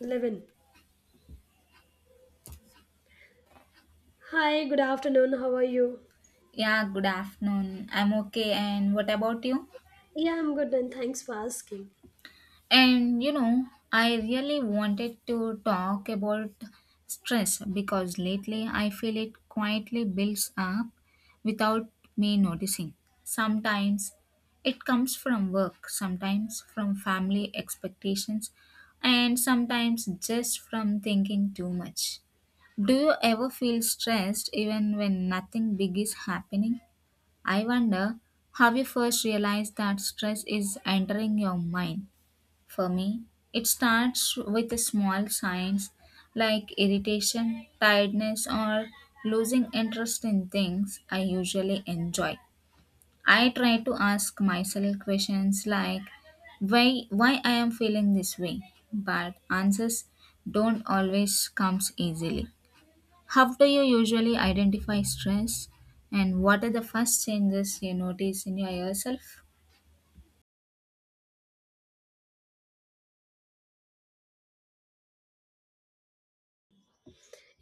11. Hi, good afternoon. How are you? Yeah, good afternoon. I'm okay. And what about you? Yeah, I'm good and thanks for asking. And you know, I really wanted to talk about stress because lately I feel it quietly builds up without me noticing. Sometimes it comes from work, sometimes from family expectations, and sometimes just from thinking too much. Do you ever feel stressed even when nothing big is happening? I wonder how you first realized that stress is entering your mind. For me, it starts with the small signs like irritation, tiredness, or losing interest in things I usually enjoy. I try to ask myself questions like why I am feeling this way, but answers don't always comes easily. How do you usually identify stress and what are the first changes you notice in your yourself?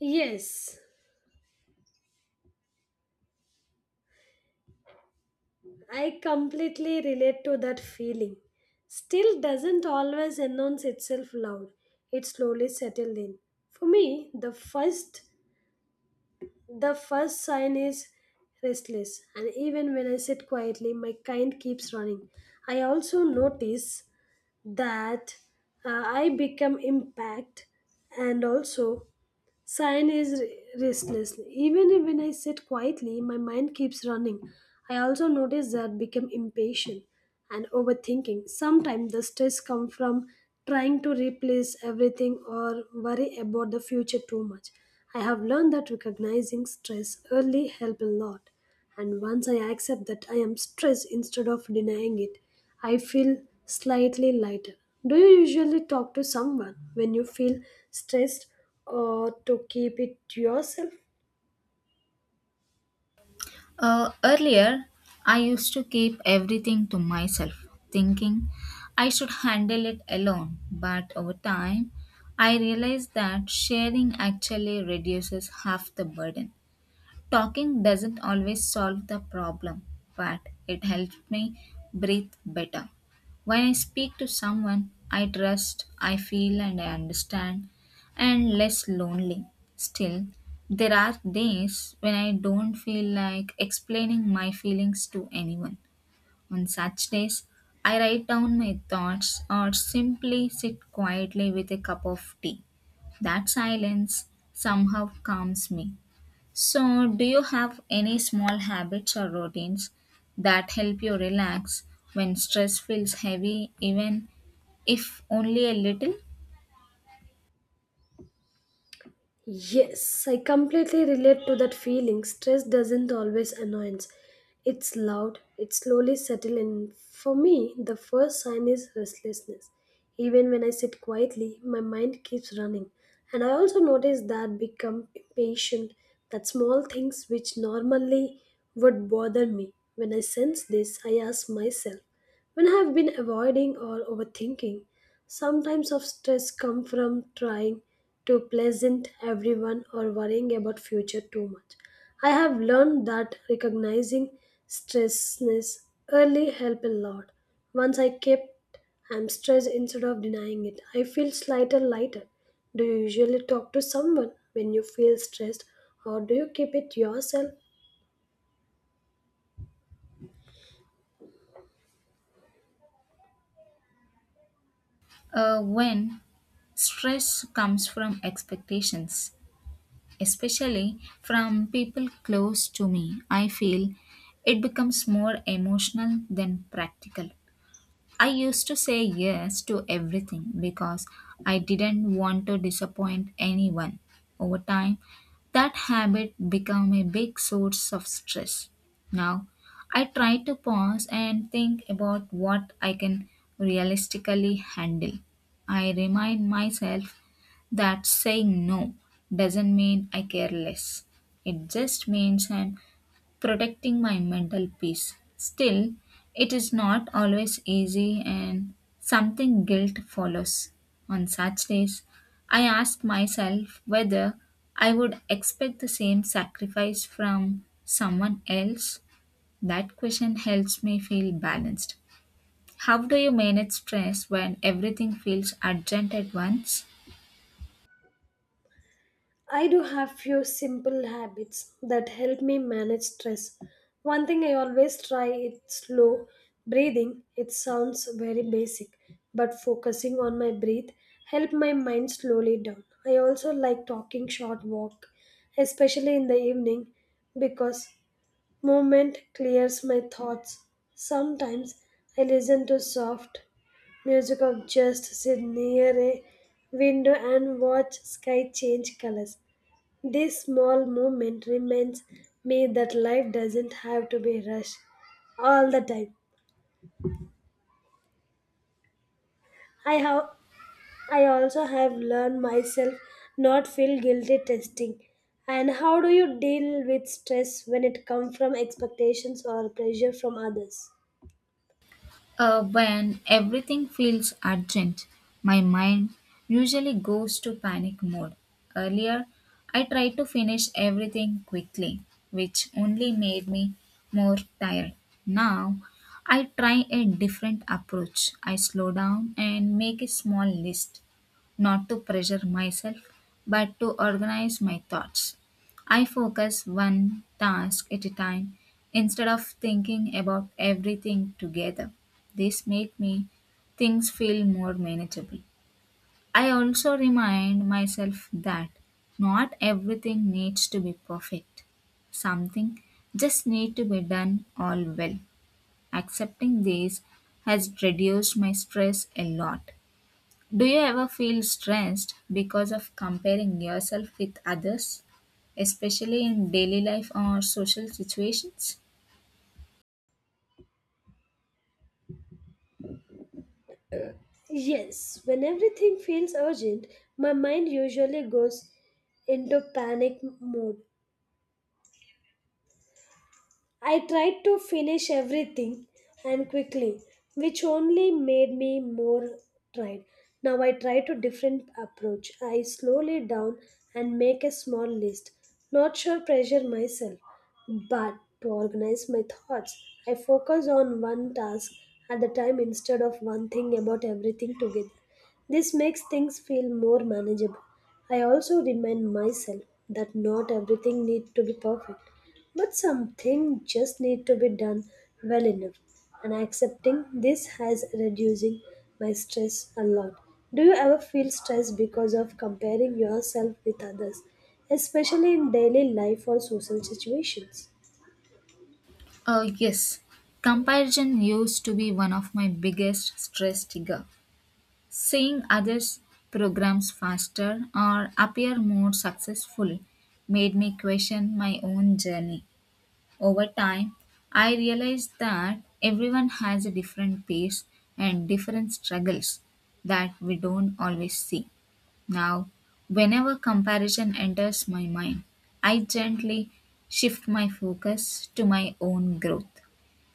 Yes, I completely relate to that feeling. Still doesn't always announce itself loud. It slowly settled in. For me, the first sign is restless and even when I sit quietly, my kind keeps running. I also notice that I become impact and also Siren is restless. Even if when I sit quietly, my mind keeps running. I also notice that I become impatient and overthinking. Sometimes the stress comes from trying to replace everything or worry about the future too much. I have learned that recognizing stress early help a lot. And once I accept that I am stressed instead of denying it, I feel slightly lighter. Do you usually talk to someone when you feel stressed or to keep it to yourself? Earlier, I used to keep everything to myself, thinking I should handle it alone. But over time, I realized that sharing actually reduces half the burden. Talking doesn't always solve the problem, but it helps me breathe better. When I speak to someone I trust, I feel and I understand, and less lonely. Still, there are days when I don't feel like explaining my feelings to anyone. On such days, I write down my thoughts or simply sit quietly with a cup of tea. That silence somehow calms me. So, do you have any small habits or routines that help you relax when stress feels heavy, even if only a little? Yes, I completely relate to that feeling. Stress doesn't always annoyance. It's loud, it slowly settles in. For me, the first sign is restlessness. Even when I sit quietly, my mind keeps running. And I also notice that become impatient, that small things which normally would bother me. When I sense this, I ask myself, when I have been avoiding or overthinking, sometimes of stress come from trying to pleasant everyone or worrying about future too much. I have learned that recognizing stressness early help a lot. Once I kept I'm stressed instead of denying it. I feel slighter lighter. Do you usually talk to someone when you feel stressed or do you keep it yourself? When stress comes from expectations, especially from people close to me, I feel it becomes more emotional than practical. I used to say yes to everything because I didn't want to disappoint anyone. Over time, that habit became a big source of stress. Now, I try to pause and think about what I can realistically handle. I remind myself that saying no doesn't mean I care less. It just means I'm protecting my mental peace. Still, it is not always easy, and something guilt follows. On such days, I ask myself whether I would expect the same sacrifice from someone else. That question helps me feel balanced. How do you manage stress when everything feels urgent at once? I do have few simple habits that help me manage stress. One thing I always try is slow breathing. It sounds very basic, but focusing on my breath help my mind slowly down. I also like talking short walk, especially in the evening because movement clears my thoughts. Sometimes I listen to soft music of just sit near a window and watch sky change colors. This small moment reminds me that life doesn't have to be rushed all the time. I have I also have learned myself not feel guilty testing. And how do you deal with stress when it comes from expectations or pressure from others? When everything feels urgent, my mind usually goes to panic mode. Earlier, I tried to finish everything quickly, which only made me more tired. Now, I try a different approach. I slow down and make a small list, not to pressure myself, but to organize my thoughts. I focus one task at a time instead of thinking about everything together. This made me things feel more manageable. I also remind myself that not everything needs to be perfect. Something just need to be done all well. Accepting this has reduced my stress a lot. Do you ever feel stressed because of comparing yourself with others, especially in daily life or social situations? Yes, when everything feels urgent, my mind usually goes into panic mode. I tried to finish everything and quickly, which only made me more tired. Now I try to different approach. I slowly down and make a small list, not sure pressure myself. But to organize my thoughts, I focus on one task at a time instead of one thing about everything together. This makes things feel more manageable. I also remind myself that not everything needs to be perfect, but something just need to be done well enough. And accepting this has reducing my stress a lot. Do you ever feel stressed because of comparing yourself with others, especially in daily life or social situations? Yes, comparison used to be one of my biggest stress trigger. Seeing others' programs faster or appear more successful made me question my own journey. Over time, I realized that everyone has a different pace and different struggles that we don't always see. Now, whenever comparison enters my mind, I gently shift my focus to my own growth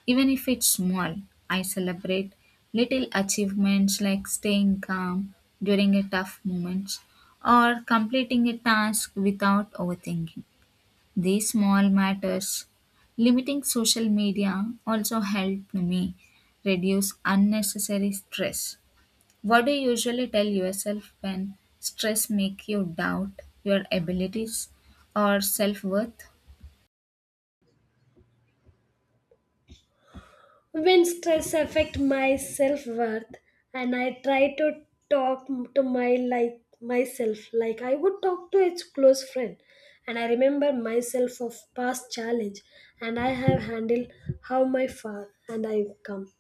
even if it's small, I celebrate little achievements like staying calm during a tough moment or completing a task without overthinking. These small matters, limiting social media, also helped me reduce unnecessary stress. What do you usually tell yourself when stress make you doubt your abilities or self-worth? When stress affect my self worth and I try to talk to my like myself like I would talk to its close friend and I remember myself of past challenge and I have handled how my far and I come.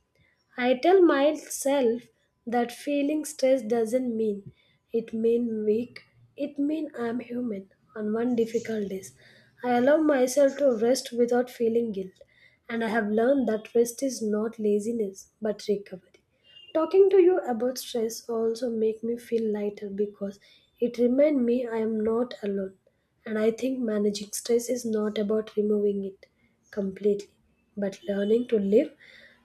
I tell myself that feeling stress doesn't mean it mean weak. It mean I'm human on one difficult days. I allow myself to rest without feeling guilt and I have learned that rest is not laziness but recovery. Talking to you about stress also make me feel lighter because it remind me I am not alone. And I think managing stress is not about removing it completely, but learning to live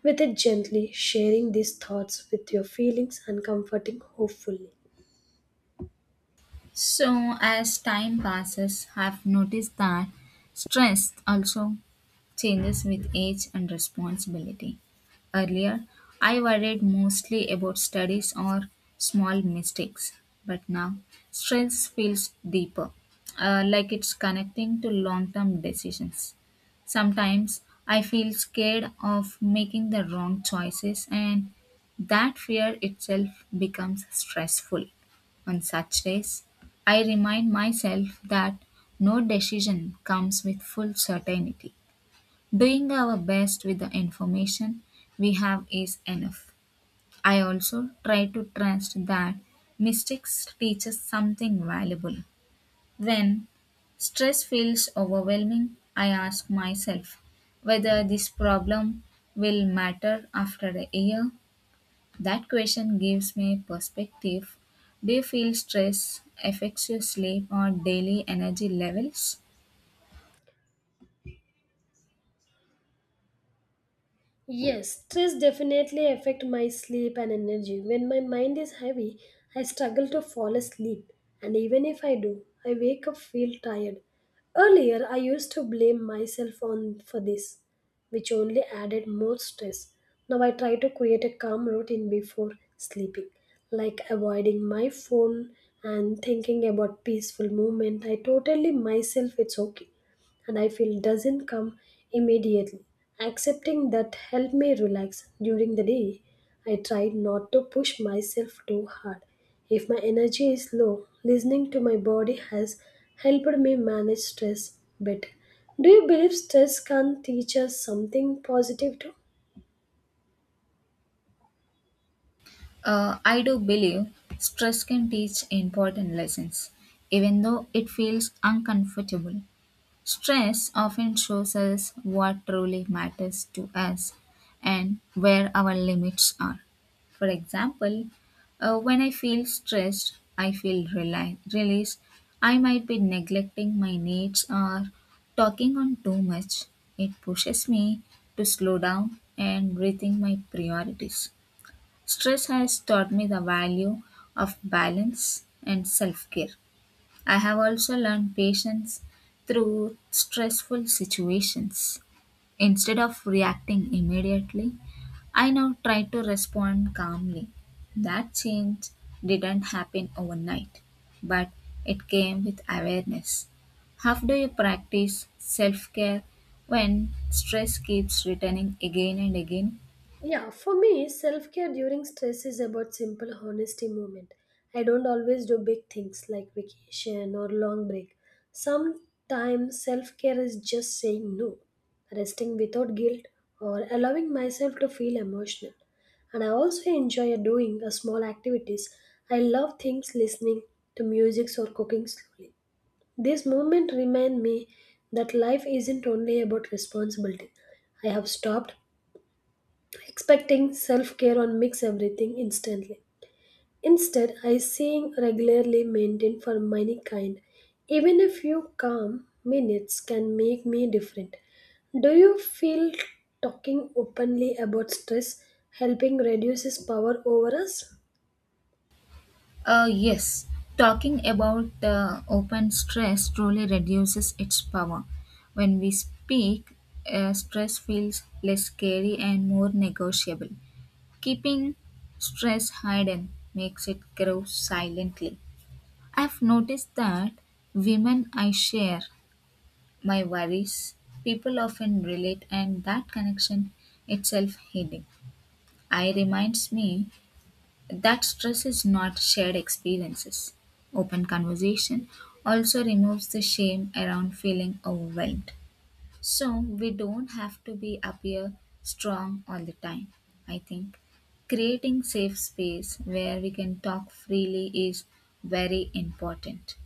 with it gently, sharing these thoughts with your feelings and comforting hopefully. So, as time passes, I've noticed that stress also changes with age and responsibility. Earlier, I worried mostly about studies or small mistakes, but now stress feels deeper, like it's connecting to long term decisions. Sometimes I feel scared of making the wrong choices, and that fear itself becomes stressful. On such days, I remind myself that no decision comes with full certainty. Doing our best with the information we have is enough. I also try to trust that mistakes teach us something valuable. When stress feels overwhelming, I ask myself whether this problem will matter after a year that question gives me perspective. Do you feel stress affects your sleep or daily energy levels? Yes, stress definitely affect my sleep and energy. When my mind is heavy, I struggle to fall asleep, and even if I do, I wake up feel tired. Earlier, I used to blame myself on for this, which only added more stress. Now I try to create a calm routine before sleeping, like avoiding my phone and thinking about peaceful movement. I totally myself it's okay and I feel doesn't come immediately. Accepting that helped me relax during the day. I tried not to push myself too hard. If my energy is low, listening to my body has helped me manage stress better. Do you believe stress can teach us something positive too? I do believe stress can teach important lessons, even though it feels uncomfortable. Stress often shows us what truly matters to us and where our limits are. For example, when I feel stressed, I feel released. I might be neglecting my needs or talking on too much. It pushes me to slow down and rethink my priorities. Stress has taught me the value of balance and self care. I have also learned patience through stressful situations. Instead of reacting immediately, I now try to respond calmly. That change didn't happen overnight, but it came with awareness. How do you practice self care when stress keeps returning again and again? Yeah, for me, self care during stress is about simple honesty moment. I don't always do big things like vacation or long break. Sometimes self care is just saying no, resting without guilt, or allowing myself to feel emotional. And I also enjoy doing a small activities. I love things listening to music or cooking slowly. This moment remind me that life isn't only about responsibility. I have stopped expecting self care on mix everything instantly. Instead, I seeing regularly maintained for many kind. Even a few calm minutes can make me different. Do you feel talking openly about stress helping reduce its power over us? Yes, talking about the open stress truly reduces its power. When we speak, stress feels less scary and more negotiable. Keeping stress hidden makes it grow silently. I've noticed that women I share my worries, people often relate, and that connection itself healing. I reminds me that stress is not shared experiences. Open conversation also removes the shame around feeling overwhelmed. So we don't have to be appear strong all the time. I think creating safe space where we can talk freely is very important.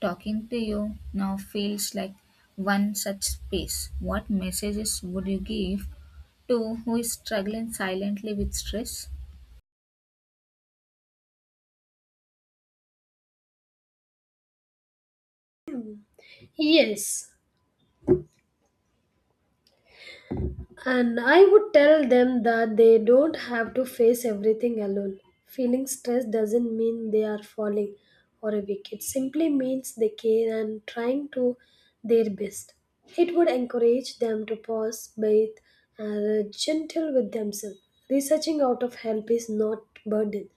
Talking to you now feels like one such space. What messages would you give to who is struggling silently with stress? Yes, and I would tell them that they don't have to face everything alone. Feeling stressed doesn't mean they are falling or a weak. It simply means they care and trying to their best. It would encourage them to pause, bathe, and gentle with themselves. Researching out of help is not burden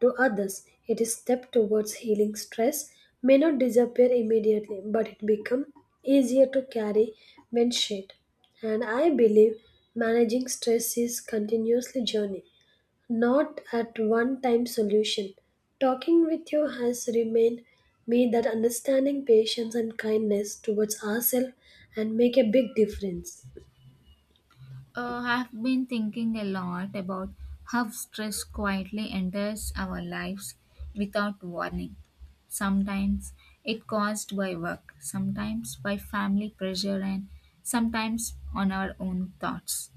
to others. It is step towards healing stress may not disappear immediately, but it become easier to carry when shared. And I believe managing stress is continuously journey, not at one time solution. Talking with you has remained me that understanding patience and kindness towards ourselves and make a big difference. I've been thinking a lot about how stress quietly enters our lives without warning. Sometimes it caused by work, sometimes by family pressure, and sometimes on our own thoughts.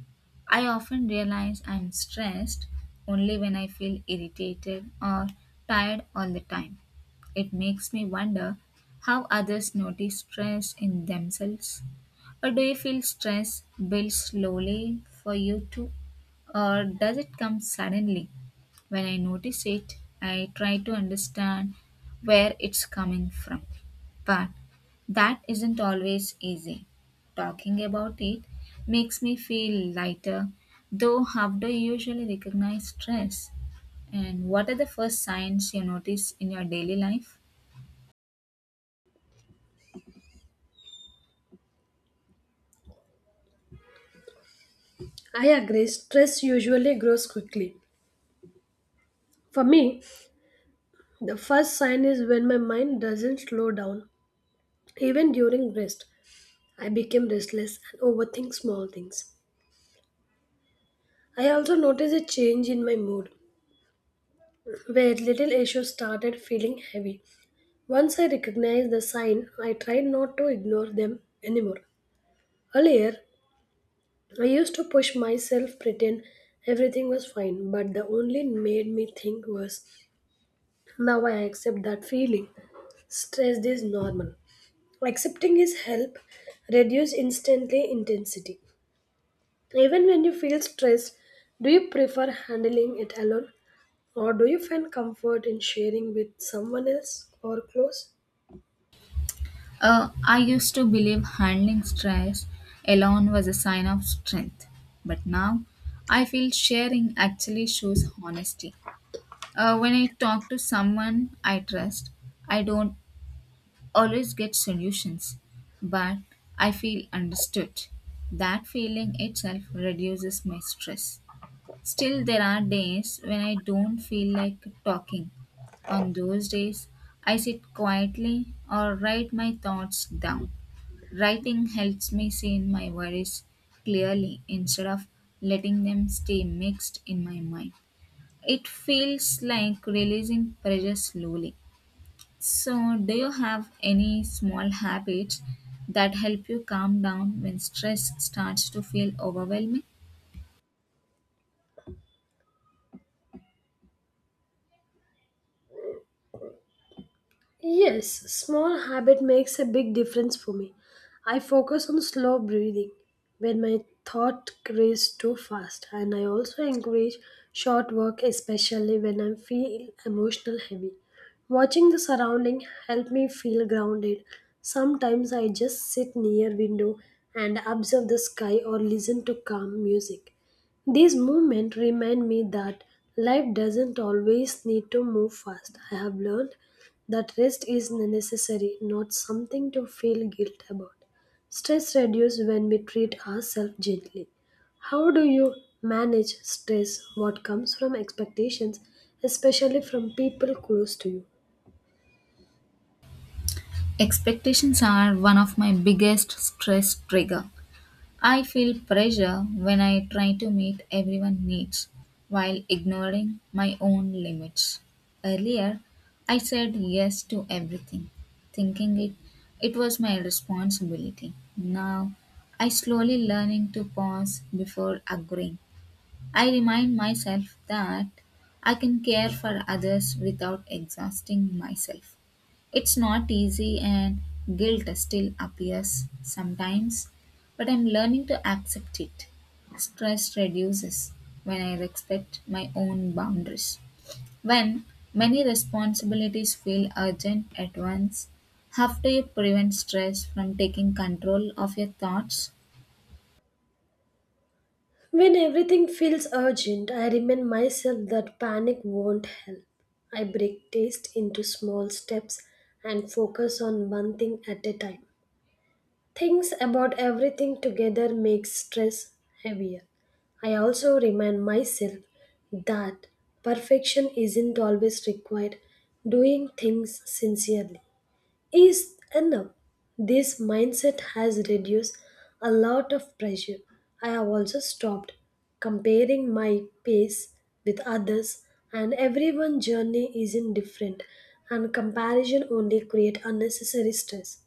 I often realize I'm stressed only when I feel irritated or tired all the time. It makes me wonder how others notice stress in themselves. Or do you feel stress build slowly for you too? Or does it come suddenly? When I notice it, I try to understand where it's coming from. But that isn't always easy. Talking about it makes me feel lighter, though how do you usually recognize stress? And what are the first signs you notice in your daily life? I agree, stress usually grows quickly. For me, the first sign is when my mind doesn't slow down. Even during rest, I became restless and overthink small things. I also notice a change in my mood, where little issues started feeling heavy. Once I recognized the sign, I tried not to ignore them anymore. Earlier, I used to push myself, pretend everything was fine, but the only made me think worse. Now I accept that feeling. Stress is normal. Accepting is help reduce instantly intensity. Even when you feel stressed, do you prefer handling it alone or do you find comfort in sharing with someone else or close? I used to believe handling stress alone was a sign of strength, but now I feel sharing actually shows honesty. When I talk to someone I trust, I don't always get solutions, but I feel understood. That feeling itself reduces my stress. Still, there are days when I don't feel like talking. On those days, I sit quietly or write my thoughts down. Writing helps me see my worries clearly instead of letting them stay mixed in my mind. It feels like releasing pressure slowly. So, do you have any small habits that help you calm down when stress starts to feel overwhelming? Yes, small habit makes a big difference for me. I focus on slow breathing when my thought race too fast and I also encourage short work especially when I feel emotional heavy. Watching the surrounding help me feel grounded. Sometimes I just sit near window and observe the sky or listen to calm music. These movements remind me that life doesn't always need to move fast. I have learned that rest is necessary, not something to feel guilt about. Stress reduces when we treat ourselves gently. How do you manage stress what comes from expectations, especially from people close to you? Expectations are one of my biggest stress trigger. I feel pressure when I try to meet everyone's needs while ignoring my own limits. Earlier, I said yes to everything, thinking it was my responsibility. Now, I slowly learning to pause before agreeing I remind myself that I can care for others without exhausting myself. It's not easy, and guilt still appears sometimes, but I'm learning to accept it. Stress reduces when I respect my own boundaries. When many responsibilities feel urgent at once, how do you prevent stress from taking control of your thoughts? When everything feels urgent, I remind myself that panic won't help. I break taste into small steps and focus on one thing at a time. Things about everything together makes stress heavier. I also remind myself that perfection isn't always required. Doing things sincerely is enough. This mindset has reduced a lot of pressure. I have also stopped comparing my pace with others and everyone's journey isn't different and comparison only create unnecessary stress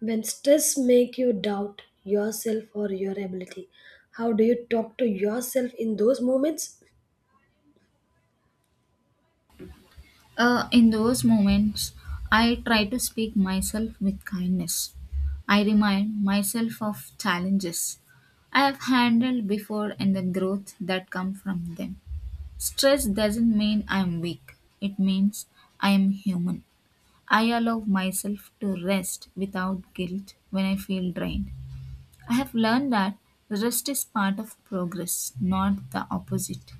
when stress make you doubt yourself or your ability, how do you talk to yourself in those moments? In those moments, I try to speak myself with kindness. I remind myself of challenges I have handled before and the growth that come from them. Stress doesn't mean I am weak. It means I am human. I allow myself to rest without guilt when I feel drained. I have learned that rest is part of progress, not the opposite.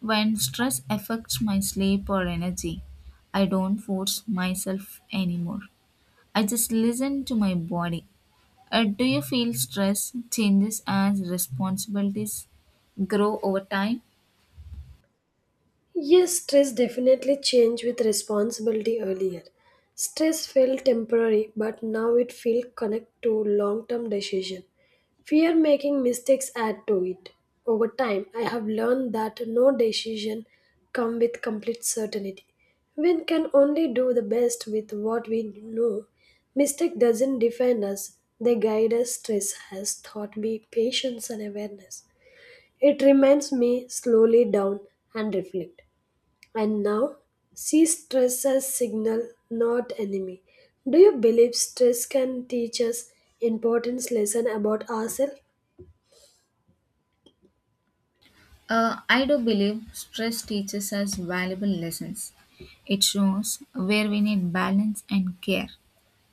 When stress affects my sleep or energy, I don't force myself anymore. I just listen to my body. Do you feel stress changes as responsibilities grow over time? Yes, stress definitely changed with responsibility earlier. Stress felt temporary, but now it feels connect to long-term decision. Fear making mistakes add to it. Over time, I have learned that no decision come with complete certainty. We can only do the best with what we know. Mistake doesn't define us. They guide us. Stress has taught me patience and awareness. It reminds me slowly down and reflect. And now, see stress as signal, not enemy. Do you believe stress can teach us important lesson about ourselves? I do believe stress teaches us valuable lessons. It shows where we need balance and care.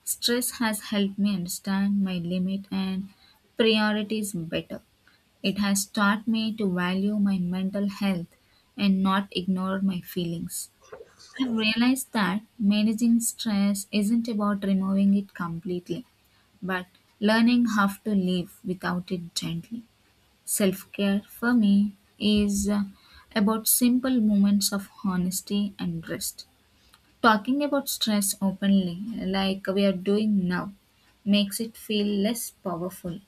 Stress has helped me understand my limit and priorities better. It has taught me to value my mental health and not ignore my feelings. I've realized that managing stress isn't about removing it completely, but learning how to live without it gently. Self care for me is about simple moments of honesty and rest. Talking about stress openly, like we are doing now, makes it feel less powerful.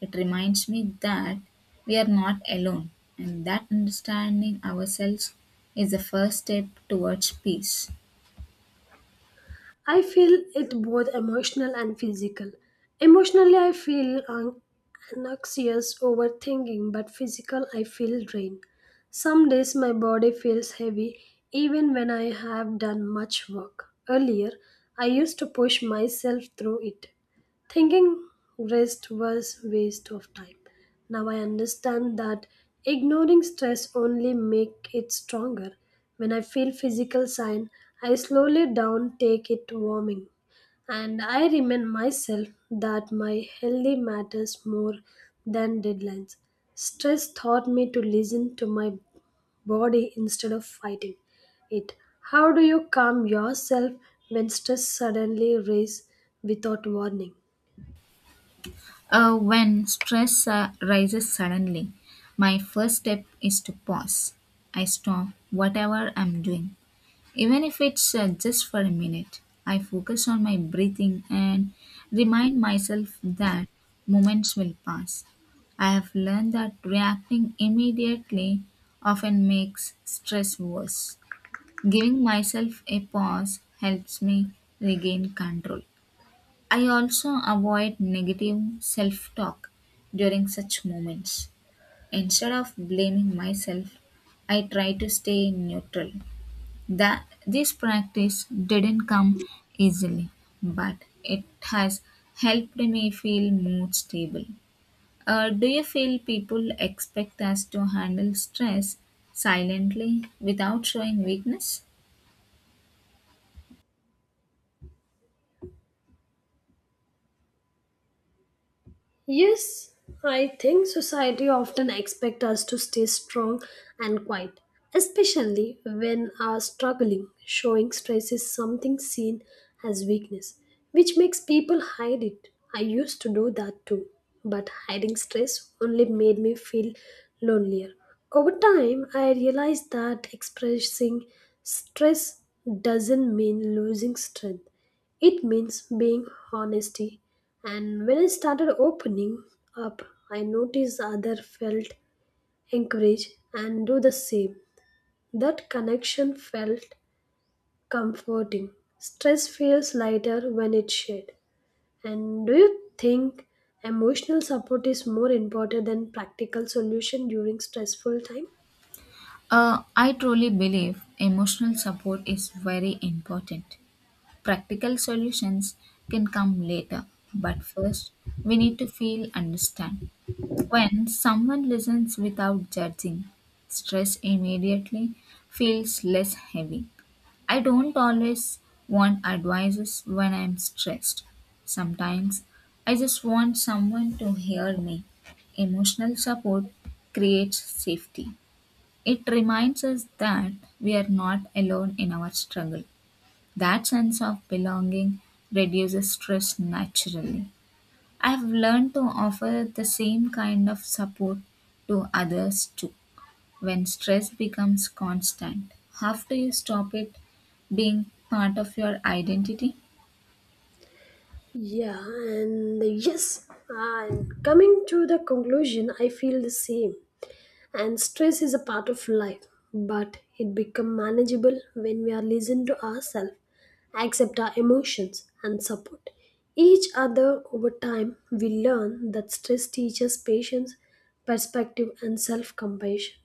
It reminds me that we are not alone, and that understanding ourselves is the first step towards peace. I feel it both emotional and physical. Emotionally, I feel anxious, overthinking, but physical, I feel drained. Some days my body feels heavy even when I have done much work. Earlier, I used to push myself through it. Thinking rest was waste of time. Now I understand that ignoring stress only make it stronger. When I feel physical sign, I slowly down take it warming. And I remind myself that my healthy matters more than deadlines. Stress taught me to listen to my body instead of fighting it. How do you calm yourself when stress suddenly rises without warning? When stress rises suddenly, my first step is to pause. I stop whatever I'm doing Even if it's just for a minute, I focus on my breathing and remind myself that moments will pass. I have learned that reacting immediately often makes stress worse. Giving myself a pause helps me regain control. I also avoid negative self talk during such moments. Instead of blaming myself, I try to stay neutral. That this practice didn't come easily, but it has helped me feel more stable. Do you feel people expect us to handle stress silently without showing weakness? Yes, I think society often expects us to stay strong and quiet, especially when are struggling. Showing stress is something seen as weakness, which makes people hide it. I used to do that too, but hiding stress only made me feel lonelier. Over time, I realized that expressing stress doesn't mean losing strength. It means being honesty. And when I started opening up, I noticed other felt encouraged and do the same. That connection felt comforting. Stress feels lighter when it's shared. And do you think emotional support is more important than practical solution during stressful time? I truly believe emotional support is very important. Practical solutions can come later, but first we need to feel understood. When someone listens without judging, stress immediately feels less heavy. I don't always want advices when I'm stressed. Sometimes I just want someone to hear me. Emotional support creates safety. It reminds us that we are not alone in our struggle. That sense of belonging reduces stress naturally. I've learned to offer the same kind of support to others too. When stress becomes constant, how do you stop it being part of your identity? Yeah, and yes, and coming to the conclusion, I feel the same. And stress is a part of life but it becomes manageable when we are listen to ourselves accept our emotions and support each other over time we learn that stress teaches patience perspective and self compassion.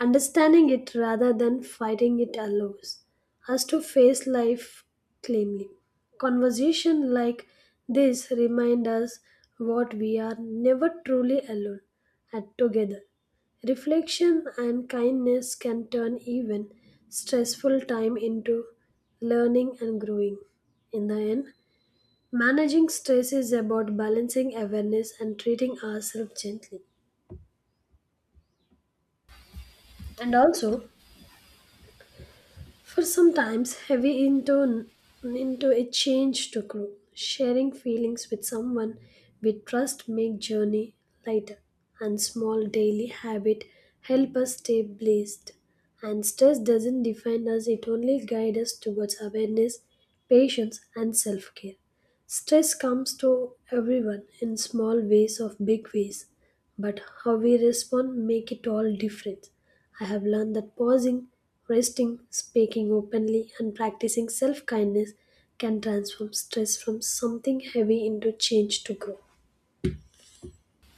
Understanding it rather than fighting it allows us to face life calmly. Conversation like this remind us what we are never truly alone and together. Reflection and kindness can turn even stressful time into learning and growing. In the end, managing stress is about balancing awareness and treating ourselves gently. And also, for sometimes heavy into a change to grow. Sharing feelings with someone we trust make journey lighter, and small daily habit help us stay blessed. And stress doesn't define us; it only guides us towards awareness, patience, and self care. Stress comes to everyone in small ways of big ways, but how we respond make it all difference. I have learned that pausing, resting, speaking openly and practicing self-kindness can transform stress from something heavy into change to grow.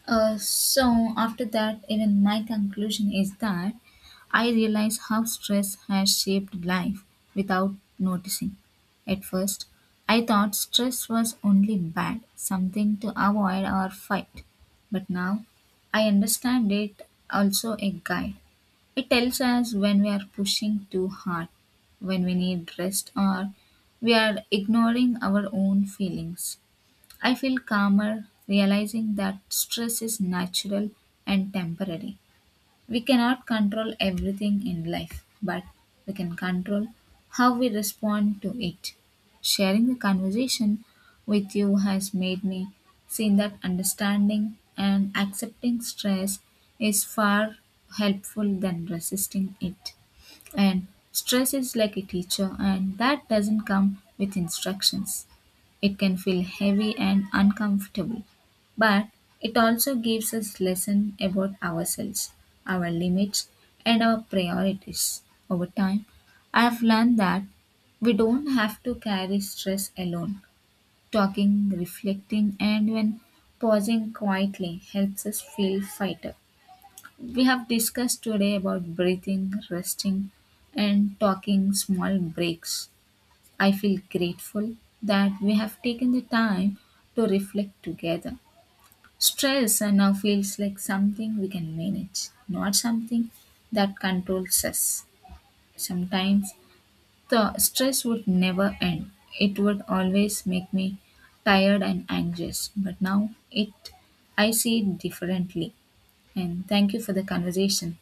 So after that, even my conclusion is that I realize how stress has shaped life without noticing. At first, I thought stress was only bad, something to avoid or fight. But now, I understand it also a guide. It tells us when we are pushing too hard, when we need rest, or we are ignoring our own feelings. I feel calmer realizing that stress is natural and temporary. We cannot control everything in life, but we can control how we respond to it. Sharing the conversation with you has made me see that understanding and accepting stress is far helpful than resisting it. And stress is like a teacher, and that doesn't come with instructions. It can feel heavy and uncomfortable, but it also gives us lesson about ourselves, our limits, and our priorities. Over time, I have learned that we don't have to carry stress alone. Talking, reflecting, and when pausing quietly helps us feel lighter. We have discussed today about breathing, resting, and talking small breaks. I feel grateful that we have taken the time to reflect together. Stress now feels like something we can manage, not something that controls us. Sometimes the stress would never end. It would always make me tired and anxious. But now it I see it differently. And thank you for the conversation.